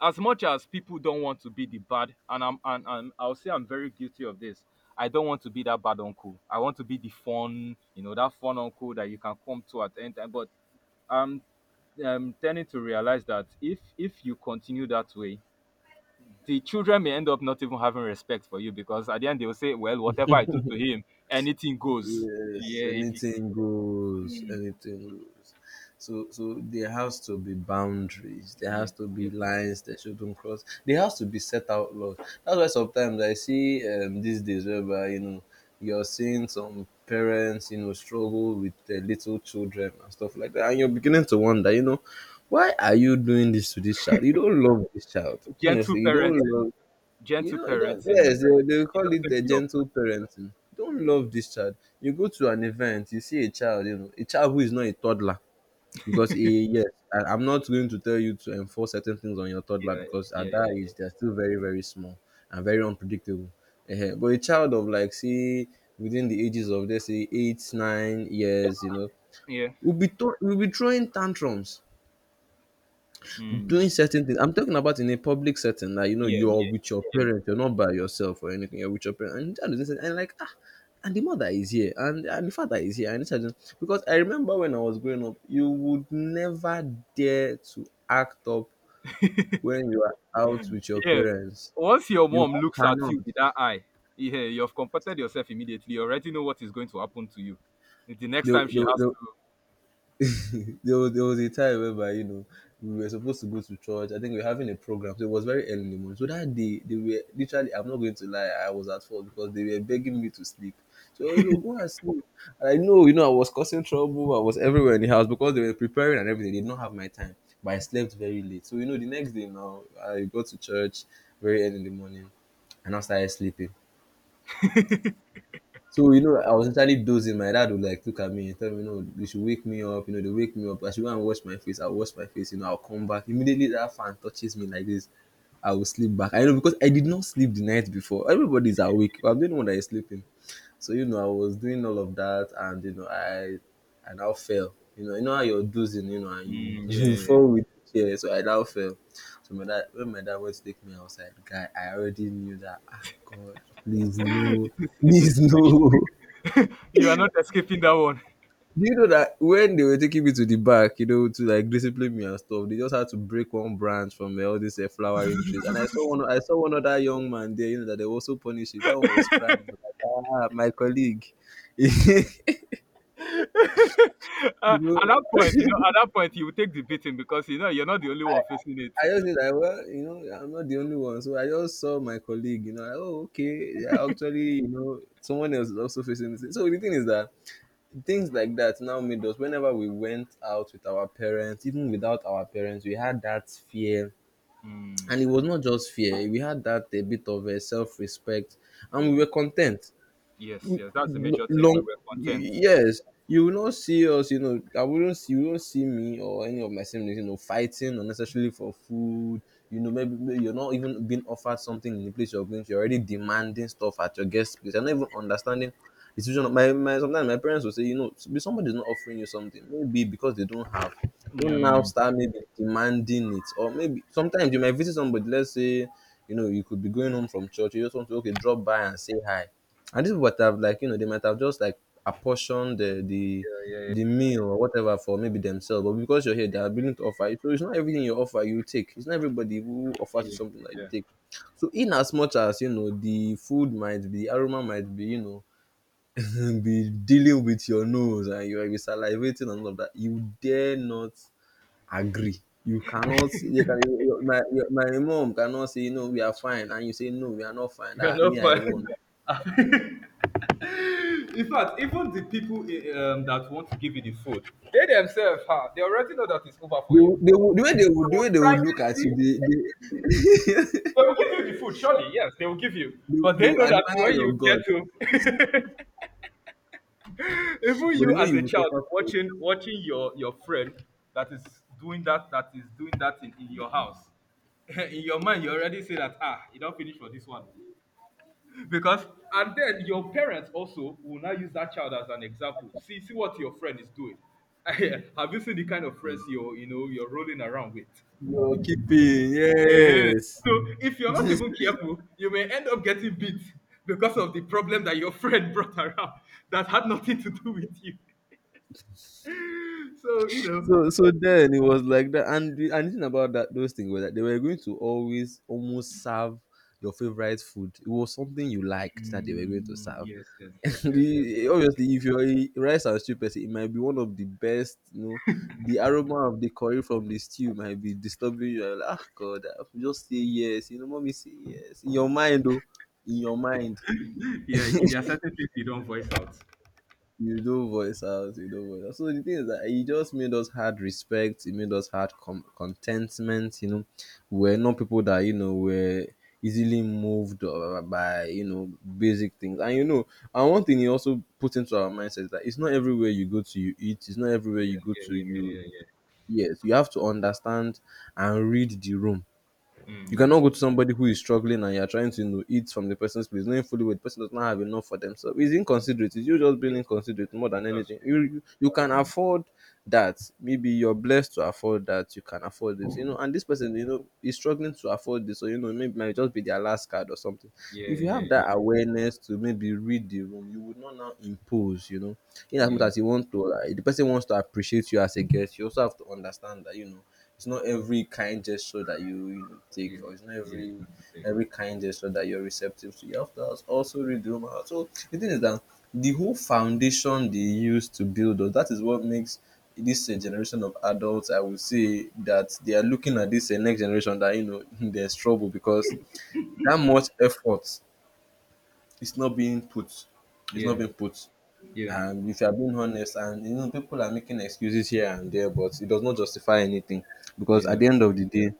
[SPEAKER 1] as much as people don't want to be the bad, and I'll say I'm very guilty of this. I don't want to be that bad uncle. I want to be the fun, you know, that fun uncle that you can come to at any time. But I'm tending to realize that if you continue that way, the children may end up not even having respect for you. Because at the end, they will say, "Well, whatever I do to him, anything goes."
[SPEAKER 2] Yes,
[SPEAKER 1] Yeah, if he,
[SPEAKER 2] anything goes,
[SPEAKER 1] mm,
[SPEAKER 2] anything goes. So, so there has to be boundaries. There
[SPEAKER 1] yeah,
[SPEAKER 2] has to be
[SPEAKER 1] yeah,
[SPEAKER 2] lines that shouldn't cross. There has to be set out laws. That's why sometimes I see these days whereby you know you're seeing some parents you know struggle with their little children and stuff like that, and you're beginning to wonder, you know, why are you doing this to this child? You don't love this child, honestly.
[SPEAKER 1] gentle
[SPEAKER 2] You don't
[SPEAKER 1] parenting,
[SPEAKER 2] love, you
[SPEAKER 1] gentle
[SPEAKER 2] know, you don't. Yes,
[SPEAKER 1] parenting,
[SPEAKER 2] they will
[SPEAKER 1] it
[SPEAKER 2] call it
[SPEAKER 1] doesn't
[SPEAKER 2] the
[SPEAKER 1] pay off.
[SPEAKER 2] gentle parenting. Don't love this child. You go to an event, you see a child, you know, a child who is not a toddler, because he, yes, I'm not going to tell you to enforce certain things on your
[SPEAKER 1] Yeah,
[SPEAKER 2] toddler because
[SPEAKER 1] yeah,
[SPEAKER 2] at that
[SPEAKER 1] yeah,
[SPEAKER 2] age they're still very, very small and very unpredictable. Eh, but a child of like say within the ages of let's say eight, nine
[SPEAKER 1] yeah,
[SPEAKER 2] years, you know,
[SPEAKER 1] yeah,
[SPEAKER 2] will be throwing tantrums,
[SPEAKER 1] mm,
[SPEAKER 2] doing certain things. I'm talking about in a public setting, like you know,
[SPEAKER 1] yeah,
[SPEAKER 2] you're with
[SPEAKER 1] yeah,
[SPEAKER 2] your
[SPEAKER 1] yeah.
[SPEAKER 2] parents, you're not by yourself or anything, you're with your parents. And the child is listening, and like ah, and the mother is here, and the father is here, and the child is, because I remember when I was growing up, you would never dare to act up
[SPEAKER 1] (laughs)
[SPEAKER 2] when you are out with your
[SPEAKER 1] Yeah.
[SPEAKER 2] parents.
[SPEAKER 1] Once your
[SPEAKER 2] You
[SPEAKER 1] mom looks at
[SPEAKER 2] cannot.
[SPEAKER 1] you with that eye, yeah, you have comported yourself immediately. You already know what is going to happen to you the next
[SPEAKER 2] They,
[SPEAKER 1] time she
[SPEAKER 2] they,
[SPEAKER 1] has
[SPEAKER 2] they,
[SPEAKER 1] to,
[SPEAKER 2] (laughs) there was a time whereby you know we were supposed to go to church. I think we were having a program, so it was very early in the morning. So that day they were literally, I'm not going to lie, I was at fault because they were begging me to sleep. So you know, go and sleep. And I know, you know, I was causing trouble, I was everywhere in the house because they were preparing and everything. They did not have my time. But I slept very late. So you know the next day now I got to church very early in the morning and I started sleeping. So you know, I was entirely dozing. My dad would like look at me and tell me, "No, you should wake me up." You know, they wake me up. I should go and wash my face. I wash my face. You know, I'll come back immediately. That fan touches me like this. I will sleep back. I know because I did not sleep the night before. Everybody's awake. I'm the only one that is sleeping. So you know, I was doing all of that, and you know, I now fell. You know how you're dozing. You know, and you
[SPEAKER 1] mm,
[SPEAKER 2] (laughs) you
[SPEAKER 1] yeah,
[SPEAKER 2] fall with the chair. So I now fell. So my dad, when my dad went to take me outside, guy, I already knew that. Ah, God, please
[SPEAKER 1] yeah. (laughs)
[SPEAKER 2] no,
[SPEAKER 1] It is. It is
[SPEAKER 2] please no. (laughs)
[SPEAKER 1] finished. (laughs) You are not escaping that one.
[SPEAKER 2] Do you know that when they were taking me to the back, you know, to like discipline me and stuff, they just had to break one branch from all these flowering trees. And
[SPEAKER 1] (laughs)
[SPEAKER 2] I saw one other young man there, you know, that they were also punishing. That one was crying. I was like, ah, my colleague. (laughs) You
[SPEAKER 1] Uh,
[SPEAKER 2] know,
[SPEAKER 1] at that point, you know, at that point, you will take the beating because you know you're not the only one facing it.
[SPEAKER 2] I just said, like, well, you know, I'm not the only one. So I just saw my colleague, you know, like, oh, okay, yeah, actually, you know, someone else is also facing this. So the thing is that things like that now made us, whenever we went out with our parents, even without our parents, we had that fear,
[SPEAKER 1] Mm,
[SPEAKER 2] and it was not just fear, we had that a bit of a self-respect and we
[SPEAKER 1] yeah.
[SPEAKER 2] were content.
[SPEAKER 1] Yes. Yes. That's the major thing.
[SPEAKER 2] Long
[SPEAKER 1] We were content.
[SPEAKER 2] yes, you will not see us, you know, I wouldn't see you won't see me or any of my siblings you know fighting unnecessarily for food. You know maybe, maybe you're not even being offered something in the place you're going to, you're already demanding stuff at your guest place, you're not even understanding the situation. My sometimes my parents will say, you know, "If somebody's not offering you something maybe because they don't have, don't now
[SPEAKER 1] Mm,
[SPEAKER 2] start maybe demanding it, or maybe sometimes you might visit somebody, let's say, you know, you could be going home from church, you just want to, okay, drop by and say hi, and this would have like, you know, they might have just like apportioned the the meal or whatever for maybe themselves, but because you're here, they are willing to offer you. So it's not everything you offer you take. It's not everybody who offers you
[SPEAKER 1] yeah.
[SPEAKER 2] something that you
[SPEAKER 1] Yeah.
[SPEAKER 2] take. So in as much as you know the food might be, the aroma might be, you know, (laughs) be dealing with your nose and you are salivating and all of that, you dare not agree. You cannot. Your, my mom cannot say no. We are fine, and you say no. We are not fine.
[SPEAKER 1] (laughs) We are
[SPEAKER 2] That me,
[SPEAKER 1] not
[SPEAKER 2] I won.
[SPEAKER 1] fine. (laughs) In fact, even the people that want to give you the food, they themselves, huh, they already know that it's over for you.
[SPEAKER 2] The way they
[SPEAKER 1] So,
[SPEAKER 2] would look at you,
[SPEAKER 1] silently,
[SPEAKER 2] they
[SPEAKER 1] they
[SPEAKER 2] (laughs)
[SPEAKER 1] will give you the food, surely. Yes, they will give you.
[SPEAKER 2] they would
[SPEAKER 1] But
[SPEAKER 2] they
[SPEAKER 1] they
[SPEAKER 2] would
[SPEAKER 1] know that
[SPEAKER 2] admire
[SPEAKER 1] when
[SPEAKER 2] your
[SPEAKER 1] you get
[SPEAKER 2] guts,
[SPEAKER 1] to, (laughs) even
[SPEAKER 2] but they
[SPEAKER 1] you
[SPEAKER 2] know
[SPEAKER 1] as
[SPEAKER 2] you
[SPEAKER 1] a
[SPEAKER 2] will
[SPEAKER 1] child
[SPEAKER 2] suffer for it.
[SPEAKER 1] watching your friend that is that is doing that in your house, (laughs) in your mind you already say that, ah, you don't finish for this one. Because, and then your parents also will now use that child as an example. "See, see what your friend is doing. (laughs) Have you seen the kind of friends you are, you're rolling around with?"
[SPEAKER 2] Your keeping,
[SPEAKER 1] Eh,
[SPEAKER 2] yes.
[SPEAKER 1] so if you're not even
[SPEAKER 2] (laughs)
[SPEAKER 1] careful, you may end up getting beat because of the problem that your (laughs) friend brought around that had nothing to do with you. (laughs) So you know,
[SPEAKER 2] So then it was like that, and the thing about that those things were that they were going to always almost serve your favorite food. It was something you liked that they were going to
[SPEAKER 1] mm,
[SPEAKER 2] serve.
[SPEAKER 1] yes, yes,
[SPEAKER 2] (laughs)
[SPEAKER 1] yes, yes, yes, yes.
[SPEAKER 2] Obviously, if you're a rice and stew person, it might be one of the best. You know, the aroma of the curry from the stew might be disturbing you. You're like, ah, God, I have to just say yes. You know, mommy, say yes in your mind, though. In your mind,
[SPEAKER 1] Yeah, there are certain things you don't voice out.
[SPEAKER 2] you do voice out, you do voice out. So the thing is that it just made us had respect, it made us had contentment, you know. We're not people that, you know, were easily moved by, you know, basic things. And you know, and one thing he also put into our mindset is that it's not everywhere you go to you eat, it's not everywhere
[SPEAKER 1] Yeah,
[SPEAKER 2] you go
[SPEAKER 1] yeah,
[SPEAKER 2] to
[SPEAKER 1] yeah,
[SPEAKER 2] you
[SPEAKER 1] yeah, yeah,
[SPEAKER 2] yes, you have to understand and read the room.
[SPEAKER 1] yeah.
[SPEAKER 2] You
[SPEAKER 1] Mm.
[SPEAKER 2] cannot go to somebody who is struggling and you're trying to, you know, eat from the person's place, knowing fully well the person does not have enough for themselves. It's inconsiderate. It's you just
[SPEAKER 1] Yeah,
[SPEAKER 2] being
[SPEAKER 1] yeah,
[SPEAKER 2] inconsiderate
[SPEAKER 1] yeah.
[SPEAKER 2] more than
[SPEAKER 1] That's
[SPEAKER 2] anything.
[SPEAKER 1] true.
[SPEAKER 2] You
[SPEAKER 1] That's
[SPEAKER 2] can
[SPEAKER 1] true.
[SPEAKER 2] afford that. Maybe you're blessed to afford that. You can afford it. You know, and this person, you know, is struggling to afford this. So you know, maybe might just be their last card or something.
[SPEAKER 1] Yeah,
[SPEAKER 2] If you
[SPEAKER 1] yeah,
[SPEAKER 2] have
[SPEAKER 1] yeah,
[SPEAKER 2] that awareness to maybe read the room, you would not now impose. You know, in as much
[SPEAKER 1] yeah,
[SPEAKER 2] as you want to, like, the person wants to appreciate you as a guest. You also have to understand that, you know, it's not every kind gesture that you take,
[SPEAKER 1] yeah,
[SPEAKER 2] or it's not
[SPEAKER 1] yeah. You have to take.
[SPEAKER 2] every kind gesture that you're receptive to. You have to also read the room out. So the thing is that the whole foundation they use to build us, that is what makes this generation of adults, I would say, that they are looking at this next generation that, you know, (laughs) there's trouble because that much effort is not being put. It's not
[SPEAKER 1] Yeah,
[SPEAKER 2] being put.
[SPEAKER 1] yeah,
[SPEAKER 2] And if you are being honest, and you know, people are making excuses here and there, but it does not justify anything because at
[SPEAKER 1] yeah.
[SPEAKER 2] the end of the day,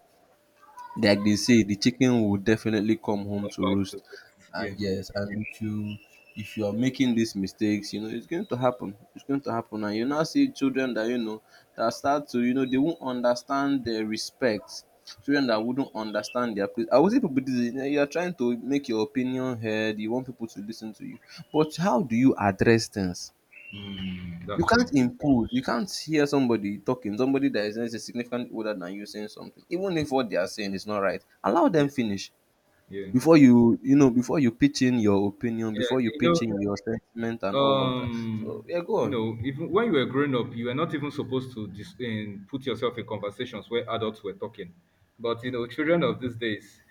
[SPEAKER 2] like they say, the chicken will definitely come home
[SPEAKER 1] Come
[SPEAKER 2] to
[SPEAKER 1] back to
[SPEAKER 2] roost.
[SPEAKER 1] rest. Yeah.
[SPEAKER 2] And yes, and if you are making these mistakes, you know it's going to happen. It's going to happen, and you now see children that, you know, that start to, you know, they won't understand their respect. Children that wouldn't understand their place. I would say people you are trying to make your opinion heard. You want people to listen to you, but how do you address things?
[SPEAKER 1] Mm,
[SPEAKER 2] You
[SPEAKER 1] that's
[SPEAKER 2] can't
[SPEAKER 1] true.
[SPEAKER 2] impose. You can't hear somebody talking, somebody that is, let's say, significantly older than you saying something, even if what they are saying is not right. Allow them
[SPEAKER 1] Yeah,
[SPEAKER 2] finish
[SPEAKER 1] yeah,
[SPEAKER 2] before you, before you pitch in your opinion,
[SPEAKER 1] yeah.
[SPEAKER 2] before you
[SPEAKER 1] You
[SPEAKER 2] pitch in your sentiment and
[SPEAKER 1] know,
[SPEAKER 2] all of that. So
[SPEAKER 1] um,
[SPEAKER 2] yeah, go
[SPEAKER 1] you
[SPEAKER 2] on.
[SPEAKER 1] know, even when you were growing up, you were not even supposed to put yourself in conversations where adults were talking. But you know, children of these days,